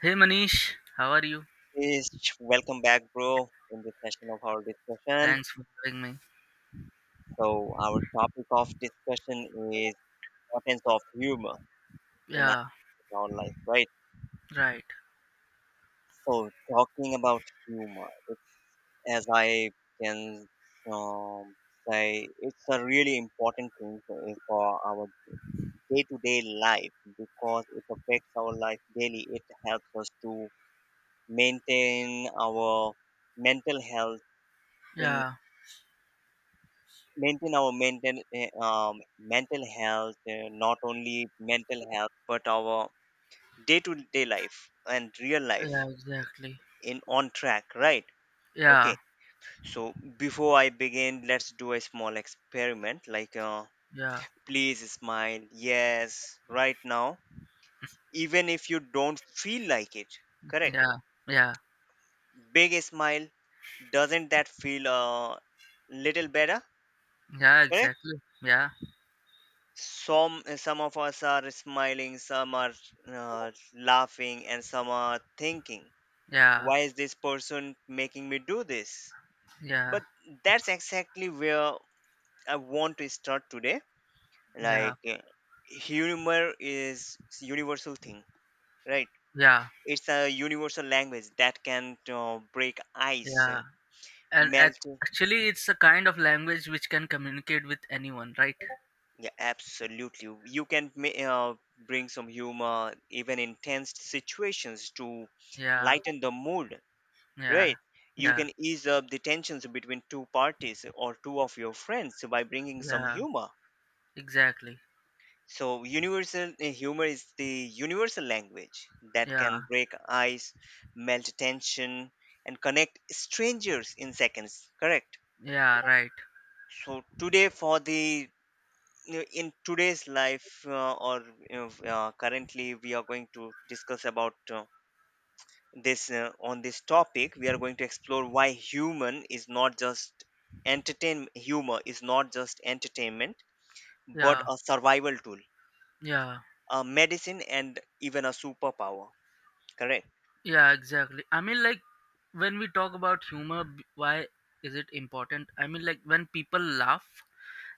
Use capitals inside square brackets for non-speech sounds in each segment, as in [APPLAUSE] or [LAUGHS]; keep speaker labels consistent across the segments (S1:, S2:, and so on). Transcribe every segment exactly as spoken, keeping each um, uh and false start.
S1: Hey Manish, how are you?
S2: Is Welcome back, bro, in this session of our discussion.
S1: Thanks for having me.
S2: So, our topic of discussion is importance of humor in our,
S1: Yeah,
S2: in our life, right?
S1: right.
S2: So, talking about humor, it's as I can um, say, it's a really important thing for for our day-to-day life because it affects our life daily. It helps us to maintain our mental health in
S1: Yeah,
S2: maintain our mental eh, um, mental health eh, not only mental health but our day to day life and real life
S1: yeah, exactly.
S2: in on track, right? Okay,
S1: Yeah,
S2: so before I begin, let's do a small experiment, like uh,
S1: yeah,
S2: please smile. Yes, right now, even if you don't feel like it. Correct,
S1: yeah, yeah,
S2: big smile. Doesn't that feel a little better?
S1: yeah,
S2: Correct.
S1: exactly. Yeah,
S2: Some eh, some of us are smiling, some are uh, laughing, and some are thinking,
S1: yeah,
S2: why is this person making me do this?
S1: yeah,
S2: But that's exactly where I want to start today.
S1: yeah,
S2: like uh, Humor is universal thing, right?
S1: yeah,
S2: It's a universal language that can uh, break ice, eh,
S1: yeah. And ac-
S2: melt.
S1: Actually, it's a kind of language which can communicate with anyone, right?
S2: Yeah, absolutely. You can ma- uh, bring some humor, even in tense situations, to
S1: Yeah,
S2: lighten the mood,
S1: yeah,
S2: right? You
S1: yeah,
S2: can ease up the tensions between two parties or two of your friends by bringing some
S1: yeah,
S2: humor.
S1: exactly.
S2: So, universal uh, humor is the universal language that
S1: Yeah,
S2: can break ice, melt tension, and connect strangers in seconds, correct?
S1: yeah, right.
S2: So, today, for the you know, in today's life uh, or you know, uh, currently we are going to discuss about uh, this uh, on this topic. We are going to explore why human is not just entertain humor is not just entertainment, but
S1: Yeah,
S2: a survival tool,
S1: yeah.
S2: a medicine, and even a superpower, correct?
S1: Yeah, exactly. I mean, like, when we talk about humor, b- why is it important? I mean, like, when people laugh,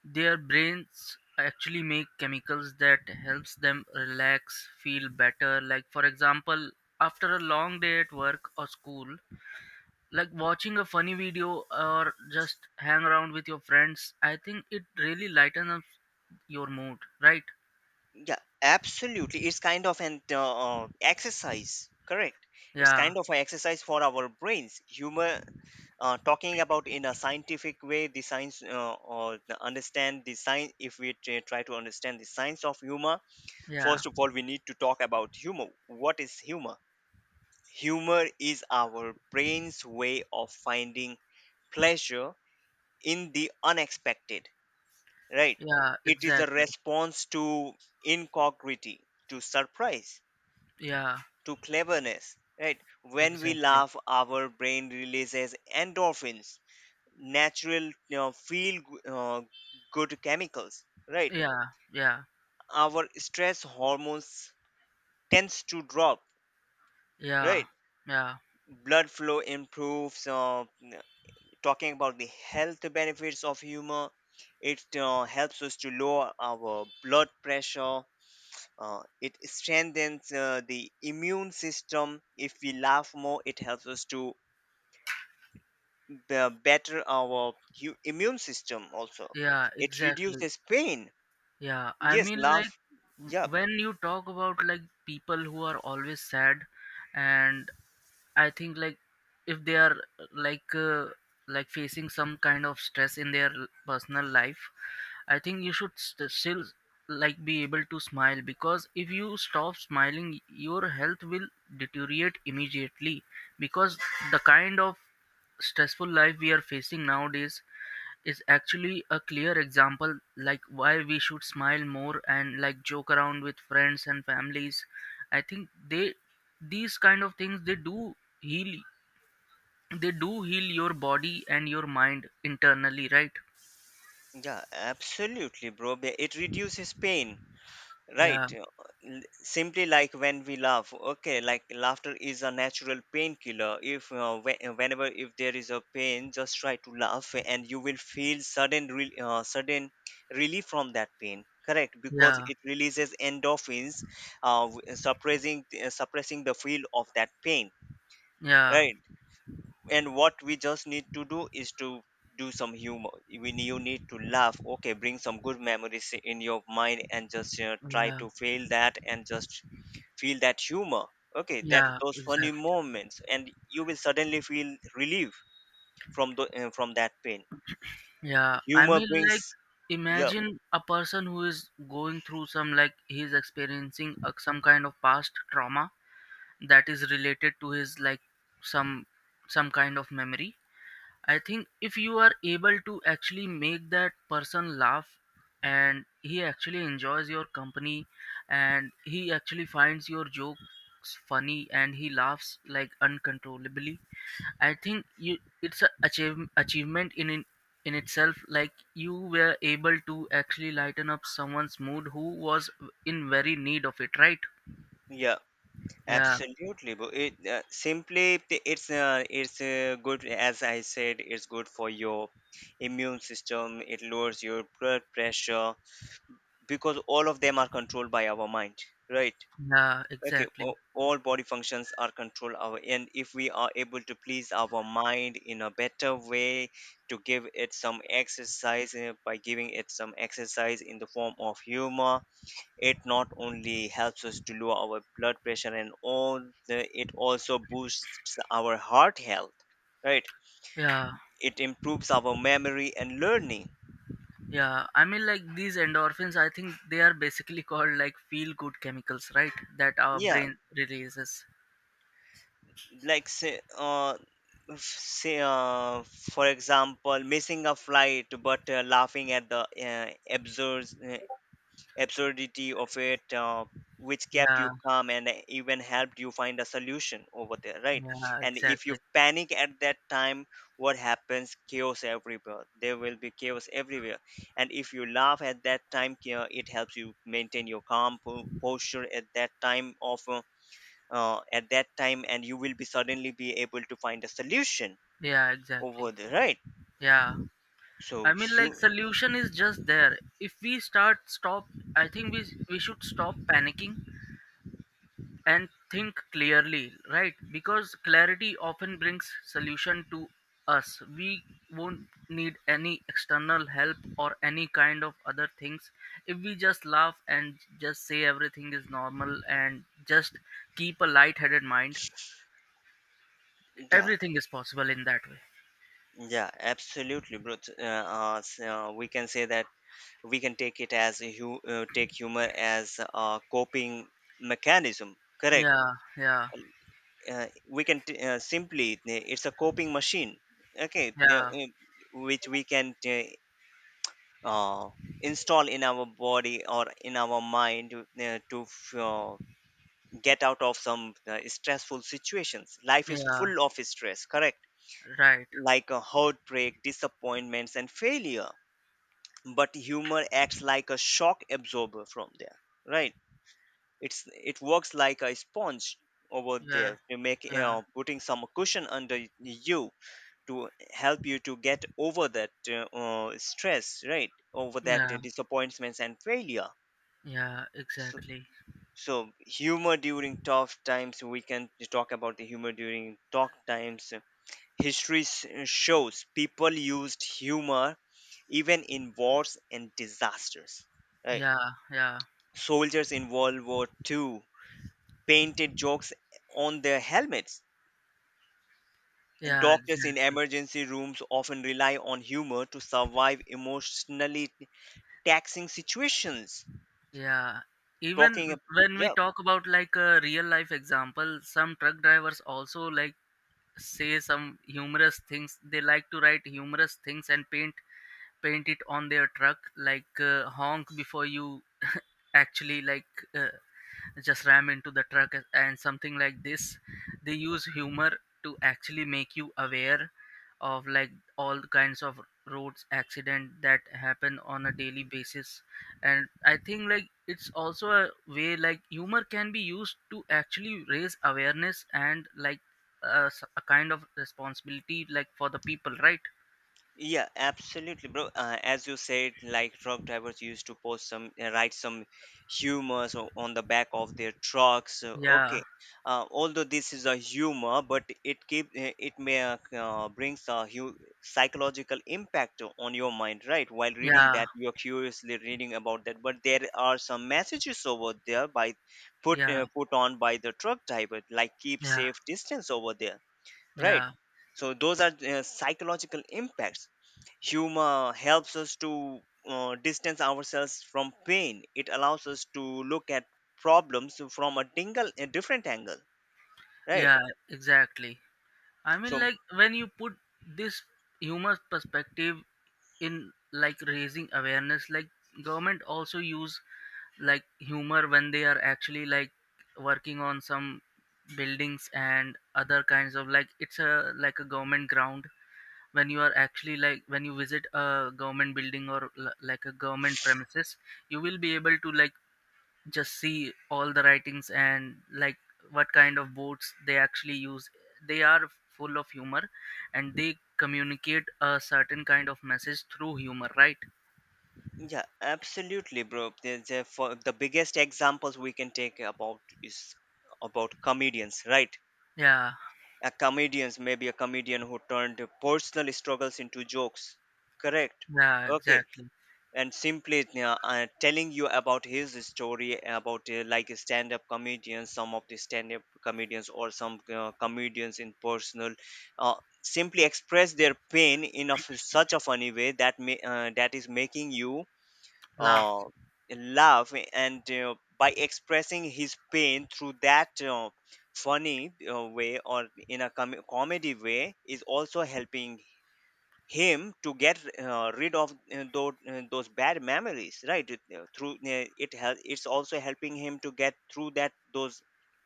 S1: their brains actually make chemicals that helps them relax, feel better. Like, for example, after a long day at work or school, like watching a funny video or just hang around with your friends, I think it really lightens up your mood, right?
S2: Yeah, absolutely, it's kind of an uh, uh, exercise, correct? It's
S1: Yeah,
S2: kind of an exercise for our brains. Humor, uh, talking about in a scientific way, the science uh, or the understand the science if we try try to understand the science of humor,
S1: yeah,
S2: first of all we need to talk about humor. What is humor? Humor is our brain's way of finding pleasure in the unexpected, right?
S1: yeah,
S2: It is a
S1: exactly.
S2: response to incongruity, to surprise,
S1: Yeah,
S2: to cleverness, right? When we
S1: exactly.
S2: laugh, our brain releases endorphins, natural, you know, feel uh, good chemicals, right?
S1: Yeah, yeah.
S2: Our stress hormones tends to drop,
S1: Yeah,
S2: right?
S1: yeah,
S2: Blood flow improves. Uh, n- talking about the health benefits of humor, it uh, helps us to lower our blood pressure. Uh, it strengthens uh, the immune system. If we laugh more, it helps us to be- better our hu- immune system also.
S1: yeah,
S2: It
S1: exactly.
S2: reduces pain.
S1: Yeah, I
S2: Yes,
S1: mean, like,
S2: laugh.
S1: w-
S2: Yeah,
S1: when you talk about like people who are always sad, and I think like if they are like uh, like facing some kind of stress in their l- personal life, I think you should st- still like be able to smile because if you stop smiling, your health will deteriorate immediately because the kind of stressful life we are facing nowadays is actually a clear example like why we should smile more and like joke around with friends and families. I think they, these kind of things they do heal, they do heal your body and your mind internally, right?
S2: yeah, absolutely, bro. Be- It reduces pain, right?
S1: yeah
S2: Uh, l- Simply like when we laugh, okay, like laughter is a natural painkiller. If uh, whe- uh, Whenever if there is a pain, just try to laugh, and you will feel sudden, re- uh, sudden relief from that pain. Correct, because
S1: yeah
S2: it releases endorphins, uh, w- suppressing uh, suppressing the feel of that pain.
S1: yeah
S2: Right, and what we just need to do is to do some humor. When you need to laugh, okay, bring some good memories in your mind, and just, you know, try
S1: yeah
S2: to feel that, and just feel that humor. Okay, that
S1: yeah
S2: those funny
S1: exactly
S2: moments, and you will suddenly feel relief from the uh, from that pain.
S1: yeah, I
S2: Humor
S1: mean, like
S2: brings yeah
S1: imagine a person who is going through some, like he's experiencing uh, some kind of past trauma that is related to his like some some kind of memory. I think if you are able to actually make that person laugh and he actually enjoys your company and he actually finds your jokes funny and he laughs like uncontrollably, I think you, it's a achieve, achievement in, in in itself, like you were able to actually lighten up someone's mood who was in very need of it, right?
S2: yeah
S1: yeah
S2: absolutely. But it uh, simply t- it's uh, it's uh, good, as I said, it's good for your immune system, it lowers your blood pressure, because all of them are controlled by our mind, right?
S1: yeah
S2: Okay,
S1: exactly
S2: o- all body functions are controlled our, and if we are able to please our mind in a better way, to give it some exercise, uh, by giving it some exercise in the form of humor, it not only helps us to lower our blood pressure and all the, it also boosts our heart health, right?
S1: yeah
S2: It improves our memory and learning.
S1: Yeah, I mean, like these endorphins, I think they are basically [LAUGHS] called like feel good chemicals, right? That our
S2: Yeah,
S1: brain releases.
S2: like say uh f- say uh for example, missing a flight but uh, laughing at the uh, absurd uh, absurdity of it, uh, which kept
S1: Yeah,
S2: you calm and even helped you find a solution over there, right?
S1: yeah,
S2: And if you
S1: exactly.
S2: panic at that time, what happens? Chaos everywhere, there will be chaos everywhere. And if you laugh at that time, uh, it helps you maintain your calm po- posture at that time of uh, uh, at that time, and you will be suddenly be able to find a solution
S1: Yeah, exactly.
S2: over there, right?
S1: Yeah, I
S2: So
S1: mean, like
S2: you
S1: solution is just there. If we start stop, I think we we should stop panicking and think clearly, right? Because clarity often brings solution to us. We won't need any external help or any kind of other things if we just laugh and just say everything is normal and just keep a light-headed mind.
S2: yeah
S1: Everything is possible in that way.
S2: yeah absolutely, bro. T- uh, uh, s- uh, we can say that we can take it as a hu- uh, take humor as a coping mechanism, correct?
S1: Yeah, yeah,
S2: Uh, we can t- uh, simply uh, It's a coping machine, okay. yeah,
S1: yeah,
S2: uh, which we can t- uh, install in our body or in our mind, uh, to f- uh, get out of some uh, stressful situations. Life is
S1: yeah.
S2: full of stress, correct?
S1: Right.
S2: Like a heartbreak, disappointments, and failure. But humor acts like a shock absorber from there, right? It's it works like a sponge over
S1: Yeah,
S2: there to make, you
S1: yeah,
S2: know, putting some cushion under y- you, to help you to get over that uh, uh, stress, right, over that uh,
S1: yeah,
S2: disappointments and failure.
S1: yeah.
S2: So,
S1: Exactly.
S2: So humor during tough times, we can talk about the humor during tough times. History s- shows people used humor even in wars and disasters, right?
S1: Yeah, yeah,
S2: Soldiers in World War Two painted jokes on their helmets, and
S1: yeah.
S2: doctors in
S1: Exactly.
S2: emergency rooms often rely on humor to survive emotionally taxing situations.
S1: Yeah,
S2: Talking,
S1: even
S2: ab-
S1: when we
S2: yeah.
S1: talk about like a real life example, some truck drivers also like say some humorous things. They like to write humorous things and paint, paint it on their truck, like uh, honk before you actually like uh, just ram into the truck and something like this. They use humor to actually make you aware of like all kinds of roads accident that happen on a daily basis. And I think like it's also a way, like humor can be used to actually raise awareness and like a, s- a kind of responsibility like for the people, right?
S2: Yeah, absolutely, bro. Uh, as you said, like truck drivers used to post some, uh, write some humors o- on the back of their trucks. Uh,
S1: yeah
S2: okay, uh, although this is a humor, but it keep uh, it may uh, uh, brings a hu- psychological impact o- on your mind, right? While reading
S1: yeah
S2: that, you're curiously reading about that, but there are some messages over there by put
S1: yeah
S2: uh, put on by the truck driver, like keep
S1: yeah
S2: safe distance over there, right?
S1: yeah
S2: So those are uh, psychological impacts. Humor helps us to uh, distance ourselves from pain. It allows us to look at problems from a dingle a different angle, right?
S1: yeah exactly I
S2: So
S1: mean, like when you put this human perspective in like raising awareness, like government also use like humor when they are actually like working on some buildings and other kinds of, like it's a like a government ground. When you are actually like when you visit a government building or l- like a government premises, you will be able to like just see all the writings and like what kind of boats they actually use. They are full of humor and they communicate a certain kind of message through humor, right?
S2: yeah absolutely, bro. There's a- for the biggest examples we can take about is about comedians, right?
S1: Yeah
S2: A comedians maybe a comedian who turned personal struggles into jokes, correct?
S1: yeah
S2: Okay,
S1: exactly
S2: and simply, uh, uh, telling you about his story about, uh, like stand up comedians, some of the stand up comedians or some uh, comedians in personal, uh, simply express their pain in a f such a funny way that may, uh, that is making you uh,
S1: laugh
S2: laugh, and uh, by expressing his pain through that uh, funny uh, way or in a com- comedy way is also helping him to get uh, rid of uh, those, uh, those bad memories, right? It, uh, through uh, it help it's also helping him to get through that those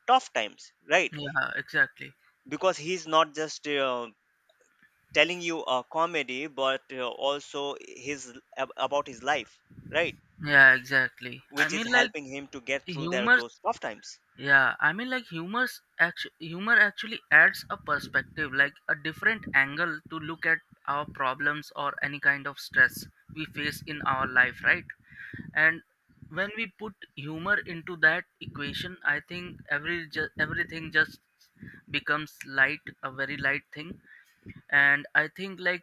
S2: tough times, right?
S1: yeah exactly
S2: Because he's not just uh, telling you a comedy, but uh, also his ab- about his life, right?
S1: yeah exactly I
S2: Which is
S1: mean like
S2: helping him to get through there
S1: humor
S2: those tough times.
S1: Yeah, I mean, like humor's actu- humor actually adds a perspective, like a different angle to look at our problems or any kind of stress we face in our life, right? And when we put humor into that equation, I think every ju- everything just becomes light, a very light thing. And I think like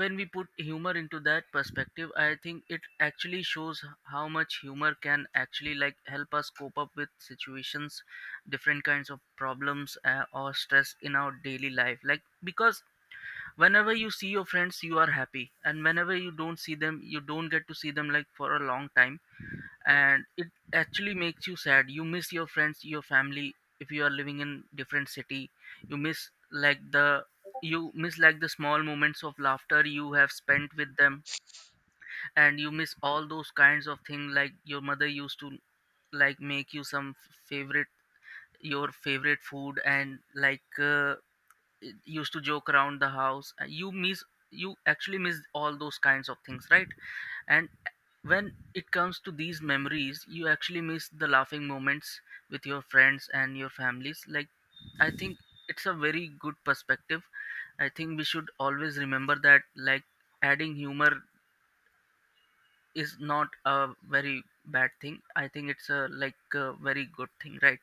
S1: when we put humor into that perspective, I think it actually shows h- how much humor can actually like help us cope up with situations, different kinds of problems, uh, or stress in our daily life, like because whenever you see your friends you are happy, and whenever you don't see them, you don't get to see them like for a long time and it actually makes you sad. You miss your friends, your family. If you are living in different city, you miss like the, you miss like the small moments of laughter you have spent with them. And you miss all those kinds of things, like your mother used to like make you some f- favorite, your favorite food and like uh, it used to joke around the house. Uh, you miss, you actually miss all those kinds of things, right? And when it comes to these memories, you actually miss the laughing moments with your friends and your families. Like, I think it's a very good perspective. I think we should always remember that, like, adding humor is not a very bad thing. I think it's a like a very good thing, right?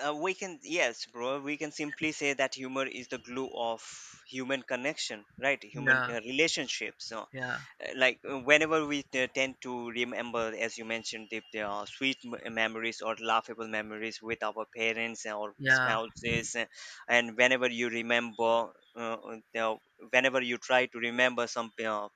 S2: uh, We can, yes bro, we can simply say that humor is the glue of human connection, right? Human
S1: Yeah,
S2: uh, relationships, uh,
S1: yeah,
S2: uh, like uh, whenever we t- tend to remember, as you mentioned, if there are sweet m- memories or laughable memories with our parents or
S1: yeah,
S2: spouses, uh, and whenever you remember, uh, uh, whenever you try to remember some uh,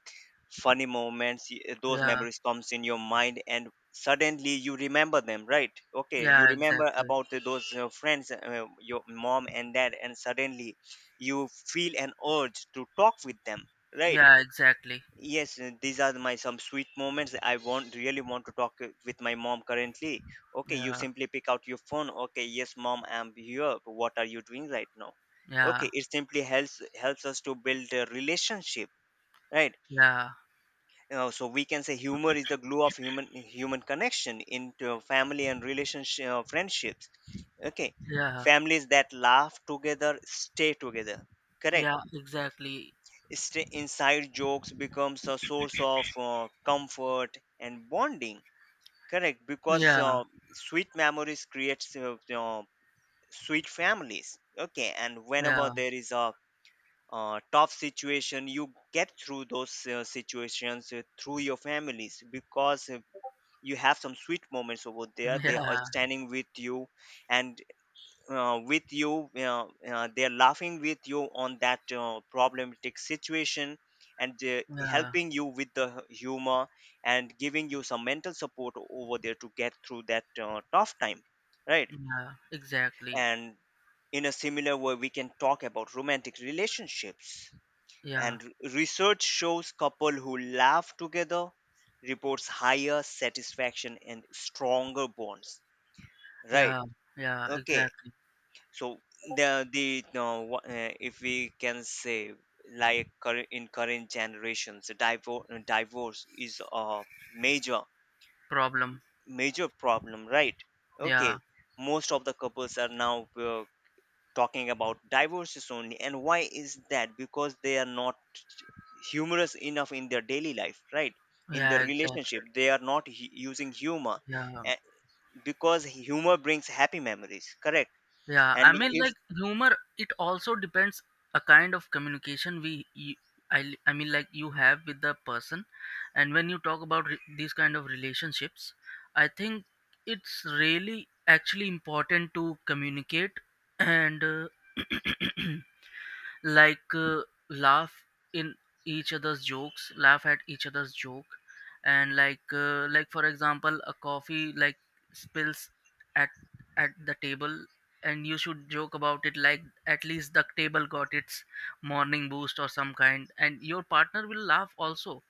S2: funny moments, y- uh, those
S1: yeah,
S2: memories comes in your mind, and suddenly you remember them, right? Okay, you
S1: yeah,
S2: remember
S1: exactly.
S2: about the- those uh, friends, uh, your mom and dad, and suddenly you feel an urge to talk with them, right?
S1: Yeah, exactly.
S2: Yes, uh, these are my some sweet moments. I want really want to talk uh, with my mom currently. Okay, you
S1: Yeah,
S2: simply pick out your phone. Okay, yes, mom, I'm here. What are you doing right now? Okay,
S1: yeah,
S2: it simply helps helps us to build a relationship, right?
S1: yeah,
S2: Uh, so we can say humor is the glue of human human connection into family and relationship uh, friendships. Okay,
S1: yeah,
S2: families that laugh together stay together. Correct.
S1: yeah, exactly.
S2: Stay inside jokes becomes a source of uh, comfort and bonding. Correct, because
S1: Yeah,
S2: uh, sweet memories creates uh, uh, sweet families. Okay, and whenever
S1: yeah,
S2: there is a uh, tough situation, you get through those uh, situations uh, through your families because uh, you have some sweet moments over there.
S1: [LAUGHS]
S2: They are
S1: yeah.
S2: standing with you, and uh, with you uh, uh, they're laughing with you on that uh, problematic situation and uh,
S1: Yeah,
S2: helping you with the humor, and giving you some mental support over there to get through that uh, tough time, right?
S1: yeah, exactly.
S2: And in a similar way, we can talk about romantic relationships,
S1: Yeah,
S2: and r- research shows couple who laugh together reports higher satisfaction and stronger bonds, right?
S1: yeah, yeah,
S2: Okay,
S1: exactly.
S2: so the the no, wha- uh, if we can say, like, current in current generations, divorce divorce is a major
S1: Problem.
S2: major problem, right?
S1: Yeah,
S2: Okay, most of the couples are now uh, talking about divorces only, and why is that? Because they are not humorous enough in their daily life, right? In their
S1: yeah, exactly.
S2: relationship, they are not hu- using humor,
S1: Yeah,
S2: eh, because humor brings happy memories, correct?
S1: yeah.
S2: And
S1: I mean,
S2: if
S1: like humor, it also depends a kind of communication we, you, I, I mean, like you have with the person, and when you talk about re- these kind of relationships, I think it's really actually important to communicate and, uh, [CLEARS THROAT] like uh, laugh in each other's jokes, laugh at each other's joke, and like uh, like for example a coffee like spills at, at the table and you should joke about it, like at least the table got its morning boost or some kind, and your partner will laugh also.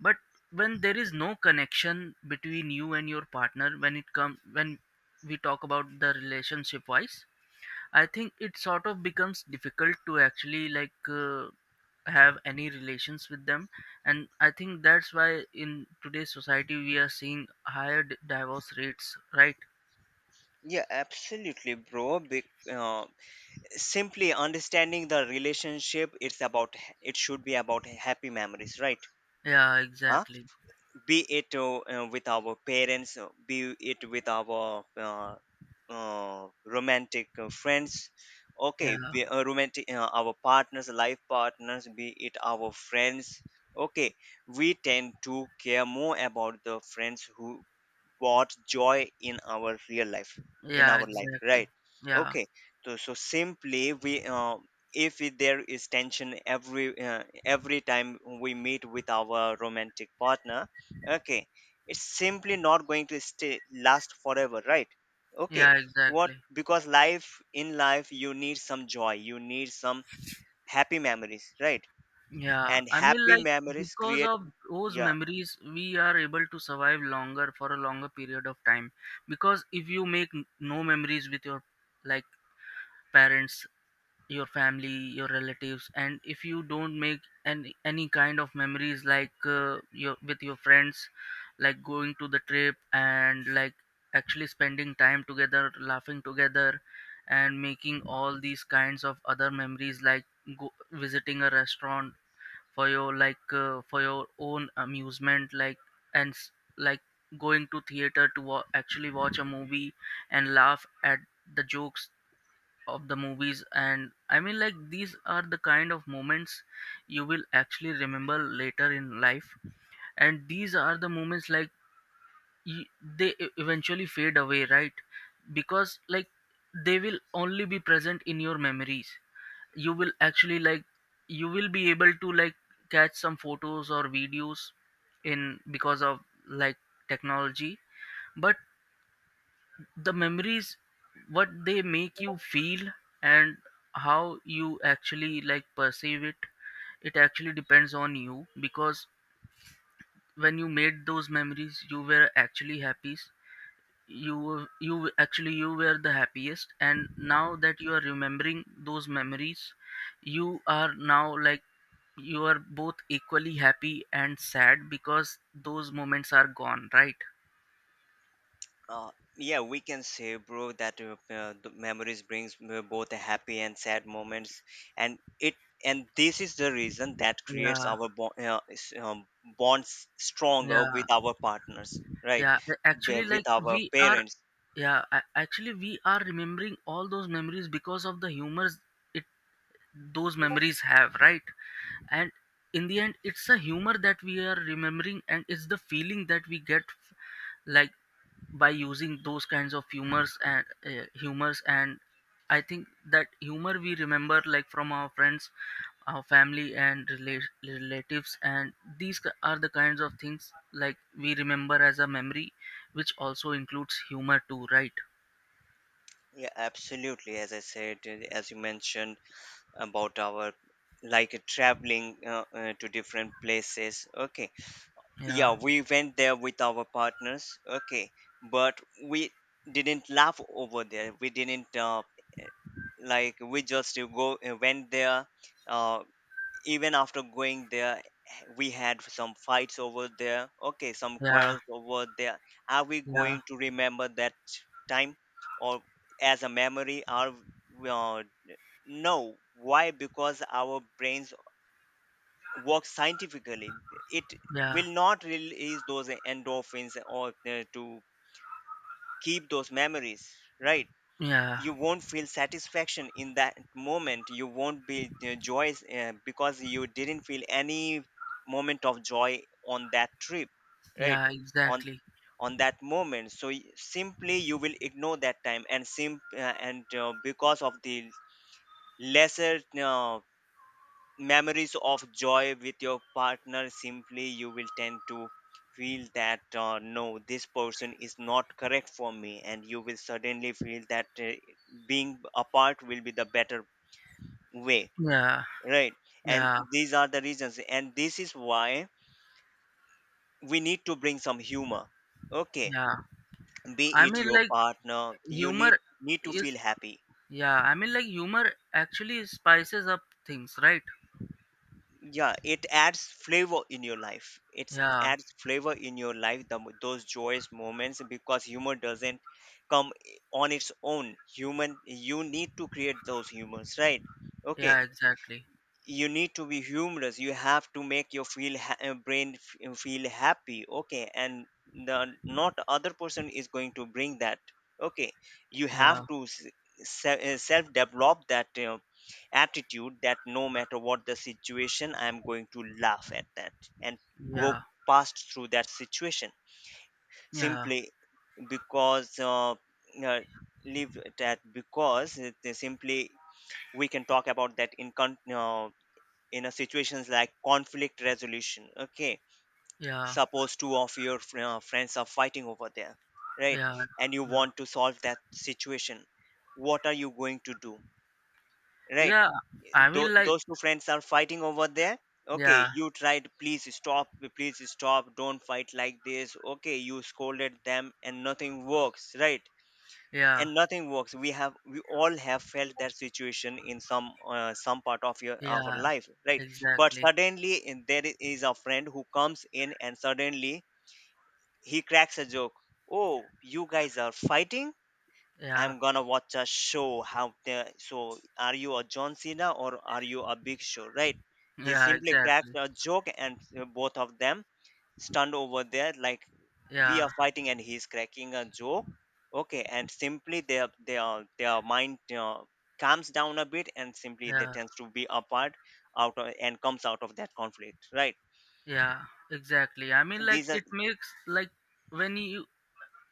S1: But when there is no connection between you and your partner, when it comes, when we talk about the relationship wise, I think it sort of becomes difficult to actually like uh, have any relations with them, and I think that's why in today's society we are seeing higher d- divorce rates, right?
S2: Yeah, absolutely, bro. Be, uh, simply understanding the relationship, it's about it should be about happy memories, right?
S1: Yeah,
S2: Huh?
S1: exactly.
S2: Be it uh, uh, with our parents, uh, be it with our uh, uh, romantic uh, friends,
S1: Yeah,
S2: okay, be, uh, romantic uh, our partners, life partners, be it our friends. Okay, we tend to care more about the friends who brought joy in our real life in
S1: yeah,
S2: our life
S1: exactly.
S2: right
S1: Yeah,
S2: okay so so simply we uh, if it- there is tension every uh, every time we meet with our romantic partner okay it's simply not going to stay last forever right okay
S1: yeah,
S2: what
S1: exactly.
S2: because life in life you need some joy you need some happy memories right
S1: Yeah,
S2: and
S1: I mean,
S2: happy
S1: like
S2: memories
S1: because
S2: create
S1: of those
S2: yeah.
S1: memories, we are able to survive longer for a longer period of time. Because if you make n- no memories with your like parents, your family, your relatives, and if you don't make any any kind of memories like uh, your with your friends, like going to the trip and like actually spending time together, laughing together, and making all these kinds of other memories like go, visiting a restaurant for your like uh, for your own amusement like and s- like going to theater to wa- actually watch a movie and laugh at the jokes of the movies. And I mean, like these are the kind of moments you will actually remember later in life. And these are the moments like y- they e- eventually fade away, right? Because like they will only be present in your memories. You will actually like, you will be able to like catch some photos or videos in because of like technology. But the memories, what they make you feel and how you actually like perceive it, it actually depends on you. Because when you made those memories you were actually happy. you were- you actually, you were the happiest, and now that you are remembering those memories, you are now like, you are both equally happy and sad because those moments are gone, right?
S2: Uh, yeah, we can say, bro, that uh, uh, the memories brings uh, both a happy and sad moments, and it and this is the reason that creates
S1: yeah
S2: our bond, uh, s- um, bonds stronger
S1: yeah
S2: with our partners, right?
S1: yeah a-
S2: Be-
S1: actually
S2: With
S1: like
S2: our
S1: we are
S2: parents.
S1: Yeah, a- actually we are remembering all those memories because of the humors it, those memories have, right? And in the end, it's a humor that we are remembering, and it's the feeling that we get f- like by using those kinds of humors and uh, humors and I think that humor we remember like from our friends, our family and rela- relatives, and these ki- are the kinds of things like we remember as a memory, which also includes humor too, right?
S2: Yeah, absolutely. As I said, uh, as you mentioned about our, like, uh, traveling uh, uh, to different places. Okay, yeah,
S1: yeah
S2: we went there with our partners, okay, but we didn't laugh over there. We didn't uh, like, we just uh, go uh, went there. uh, Even after going there, we had some fights over there, okay, some
S1: Yeah,
S2: quarrels over there. Are we
S1: yeah,
S2: going to remember that time or as a memory? are we- uh, no, why? Because our brains work scientifically. It
S1: yeah,
S2: will not release those endorphins or uh, to keep those memories, right?
S1: yeah,
S2: You won't feel satisfaction in that moment. You won't be uh, joyous uh, because you didn't feel any moment of joy on that trip, right?
S1: yeah,
S2: on
S1: exactly.
S2: on that moment. So y- simply you will ignore that time and sim uh, and uh, because of the lesser uh, memories of joy with your partner, simply you will tend to feel that uh, no, this person is not correct for me, and you will suddenly feel that uh, being apart will be the better way,
S1: Yeah,
S2: right? And
S1: yeah,
S2: these are the reasons, and this is why we need to bring some humor. Okay,
S1: yeah.
S2: be
S1: I
S2: it
S1: mean,
S2: your
S1: like,
S2: partner, you need
S1: humor
S2: need to
S1: is,
S2: feel happy.
S1: yeah, I mean, like, humor actually spices up things, right?
S2: Yeah, it adds flavor in your life. It
S1: Yeah,
S2: adds flavor in your life, the, mo- those joyous moments, because humor doesn't come i- on its own, human. You need to create those humors, right? Okay,
S1: yeah, exactly.
S2: you need to be humorous. You have to make your feel ha- uh, brain f- uh, feel happy, okay, and the not other person is going to bring that. Okay, you
S1: Yeah,
S2: have to s- se- uh, self develop that uh, attitude that no matter what the situation, I am going to laugh at that and go
S1: yeah,
S2: past through that situation
S1: yeah,
S2: simply. Because uh, uh, leave that, because it, simply, we can talk about that in con- uh, in a situations like conflict resolution. Okay,
S1: yeah,
S2: suppose two of your fr- uh, friends are fighting over there, right,
S1: yeah,
S2: and you
S1: yeah.
S2: want to solve that situation. What are you going to do, right?
S1: Yeah, I
S2: Tho-
S1: mean, like,
S2: those two friends are fighting over there, okay.
S1: yeah,
S2: You tried, please stop, please stop, don't fight like this, okay. You scolded them and nothing works, right?
S1: yeah,
S2: And nothing works. We have, we all have felt that situation in some uh, some part of your of our
S1: yeah,
S2: life, right? But
S1: exactly.
S2: suddenly in- there is a friend who comes in, and suddenly he cracks a joke. Oh, you guys are fighting,
S1: Yeah,
S2: I'm gonna watch a show. How the so, are you a John Cena or are you a Big Show, right? He
S1: yeah,
S2: simply cracked
S1: exactly.
S2: a joke, and uh, both of them stunned over there, like, we are
S1: Yeah,
S2: fighting and he's cracking a joke. Okay, and simply their their their mind uh, calms down a bit, and simply they
S1: yeah,
S2: tends to be apart out of, and comes out of that conflict, right?
S1: yeah, exactly. I
S2: So
S1: mean, like,
S2: these are
S1: it makes, like, when you,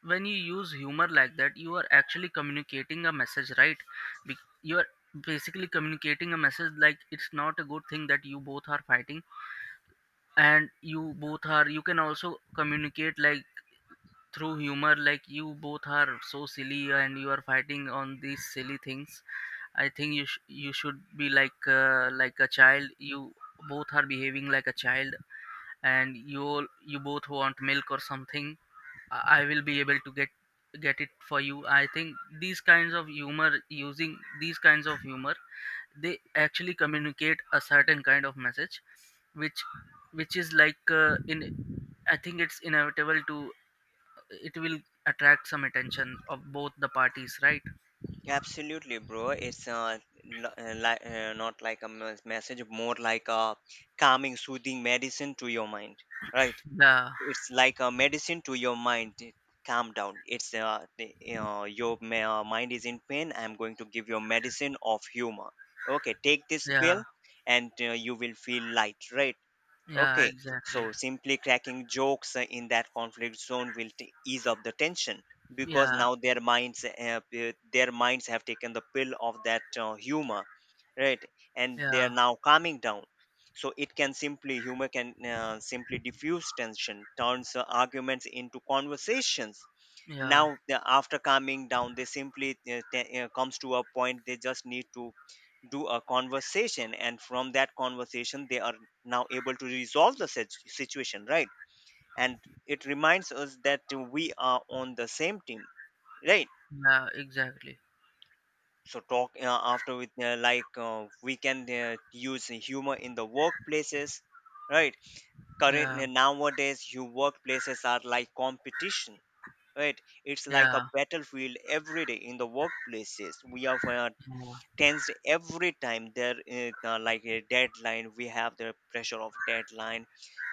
S1: when you use humor like that, you are actually communicating a message, right? Be- you are basically communicating a message like it's not a good thing that you both are fighting, and you both are, you can also communicate like through humor, like you both are so silly and you are fighting on these silly things. I think you sh- you should be like uh, like a child. You both are behaving like a child, and you all, you both want milk or something. I I will be able to get get it for you. I think these kinds of humor, using these kinds of humor, they actually communicate a certain kind of message, which which is like uh, in I think it's inevitable to, it will attract some attention of both the parties, right?
S2: absolutely, bro, it's uh, n- uh, li- uh, not like a mes- message, more like a calming, soothing medicine to your mind, right?
S1: Yeah,
S2: It's like a medicine to your mind. Calm down, it's, uh, you know, your ma- uh, mind is in pain, I'm going to give you a medicine of humor. Okay, take this
S1: yeah,
S2: pill and uh, you will feel light, right?
S1: yeah,
S2: Okay,
S1: exactly.
S2: so simply cracking jokes uh, in that conflict zone will t- ease up the tension, because
S1: Yeah,
S2: now their minds have, uh, their minds have taken the pill of that uh, humor, right? And they are
S1: yeah,
S2: now calming down. So it can simply, humor can uh, simply diffuse tension, turns uh, arguments into conversations.
S1: yeah,
S2: Now the, after calming down, they simply uh, t- uh, comes to a point, they just need to do a conversation, and from that conversation they are now able to resolve the sit- situation, right? And it reminds us that we are on the same team, right?
S1: yeah, exactly.
S2: So talk uh, after with uh, like, uh, we can uh, use humor in the workplaces, right? current
S1: Yeah,
S2: uh, Nowadays your workplaces are like competition, right? It's like a
S1: yeah,
S2: battlefield. Every day in the workplaces we are uh,
S1: yeah,
S2: tensed. Every time there is, uh, like a deadline, we have the pressure of deadline,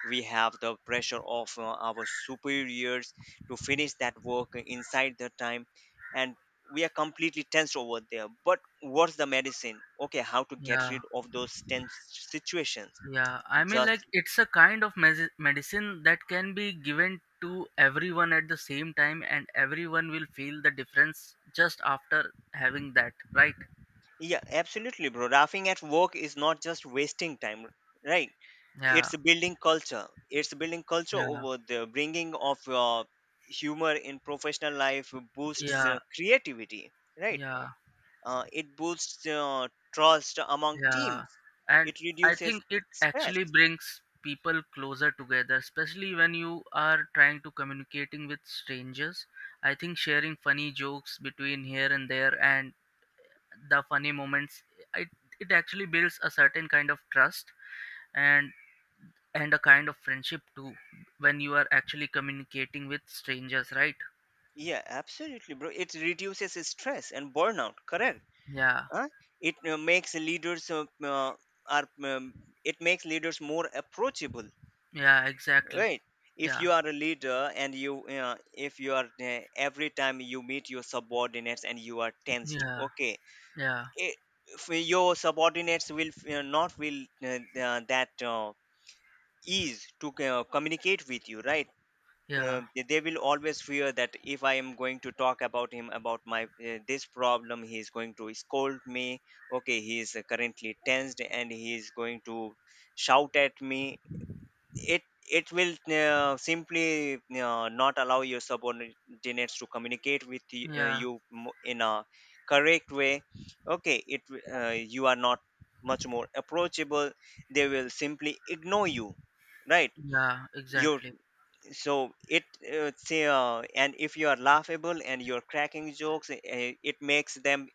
S2: we have the pressure of uh, our superiors to finish that work inside the time, and we are completely tensed over there. But what's the medicine? Okay, how to get
S1: yeah.
S2: rid of those tense situations?
S1: Yeah, I mean, like,
S2: Just
S1: it's a kind of mes- medicine that can be given to everyone at the same time, and everyone will feel the difference just after having that, right?
S2: yeah, absolutely, bro. Laughing at work is not just wasting time, right?
S1: Yeah,
S2: It's building culture. It's building culture
S1: yeah,
S2: over the bringing of uh, humor in professional life. Boosts uh,
S1: yeah,
S2: creativity, right?
S1: yeah,
S2: Uh, it boosts uh, trust among
S1: yeah.
S2: teams.
S1: And
S2: It
S1: I
S2: reduces
S1: think it
S2: stress.
S1: actually brings people closer together, especially when you are trying to communicating with strangers. I think sharing funny jokes between here and there and the funny moments, it, it actually builds a certain kind of trust and and a kind of friendship too when you are actually communicating with strangers, right?
S2: Yeah, absolutely, bro. It reduces stress and burnout. Correct.
S1: Yeah
S2: Huh? It uh, makes leaders uh, uh, are um, it makes leaders more approachable,
S1: yeah exactly
S2: right? If
S1: yeah
S2: you are a leader and you, uh, if you are, uh, every time you meet your subordinates and you are tensed,
S1: yeah
S2: okay,
S1: yeah
S2: it, if your subordinates will uh, not will uh, uh, that uh, ease to uh, communicate with you, right? uh,
S1: yeah
S2: they they will always fear that if I am going to talk about him about my, uh, this problem, he is going to scold me. Okay, he is currently tensed and he is going to shout at me. It it will uh, simply uh, not allow your subordinates to communicate with y- uh,
S1: yeah
S2: you mo- in a correct way. Okay, it w- uh, you are not much more approachable. They will simply ignore you, right?
S1: yeah
S2: You,
S1: exactly
S2: so it uh, say uh, and if you are laughable and you're cracking jokes, uh, it makes them,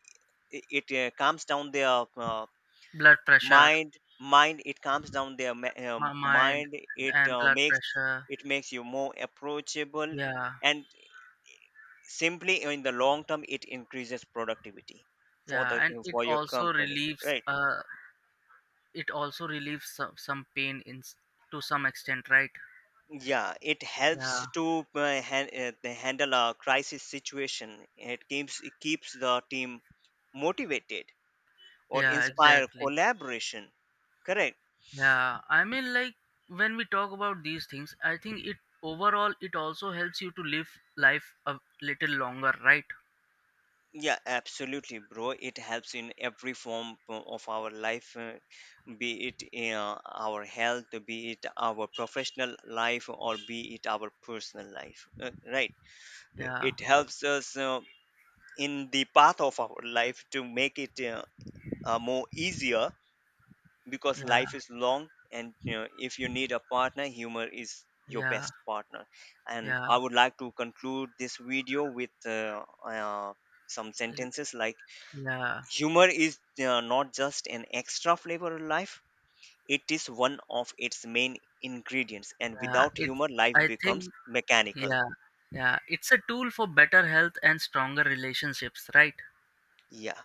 S2: it uh, calms down their uh,
S1: Blood pressure.
S2: mind. Mind, it calms down their ma- um,
S1: My mind
S2: mind. It
S1: and
S2: uh,
S1: blood
S2: makes,
S1: pressure.
S2: it makes you more approachable,
S1: Yeah,
S2: and simply in the long term it increases productivity for the,
S1: yeah. And
S2: uh,
S1: it
S2: for your
S1: also
S2: company,
S1: relieves
S2: right?
S1: uh, it also relieves some, some pain in s- to some extent, right?
S2: Yeah, it helps
S1: yeah
S2: to uh, han- uh, they handle a crisis situation. It keeps, it keeps the team motivated or
S1: yeah
S2: inspire
S1: exactly
S2: collaboration, correct.
S1: Yeah, I mean, like when we talk about these things, I think it, overall it also helps you to live life a little longer, right?
S2: Yeah, absolutely, bro. It helps in every form o- of our life, uh, be it uh, our health, be it our professional life, or be it our personal life, uh, right? Uh,
S1: Yeah,
S2: It helps us uh, in the path of our life to make it uh, uh, more easier, because
S1: yeah,
S2: life is long, and, you know, if you need a partner, humor is your
S1: yeah,
S2: best partner. And
S1: yeah,
S2: I would like to conclude this video with uh, uh, some
S1: l-
S2: sentences like,
S1: yeah,
S2: humor is uh, not just an extra flavor of life, it is one of its main ingredients, and
S1: yeah.
S2: without
S1: It's,
S2: humor, life
S1: I think,
S2: becomes mechanical.
S1: yeah, yeah. It's a tool for better health and stronger relationships, right?
S2: Yeah.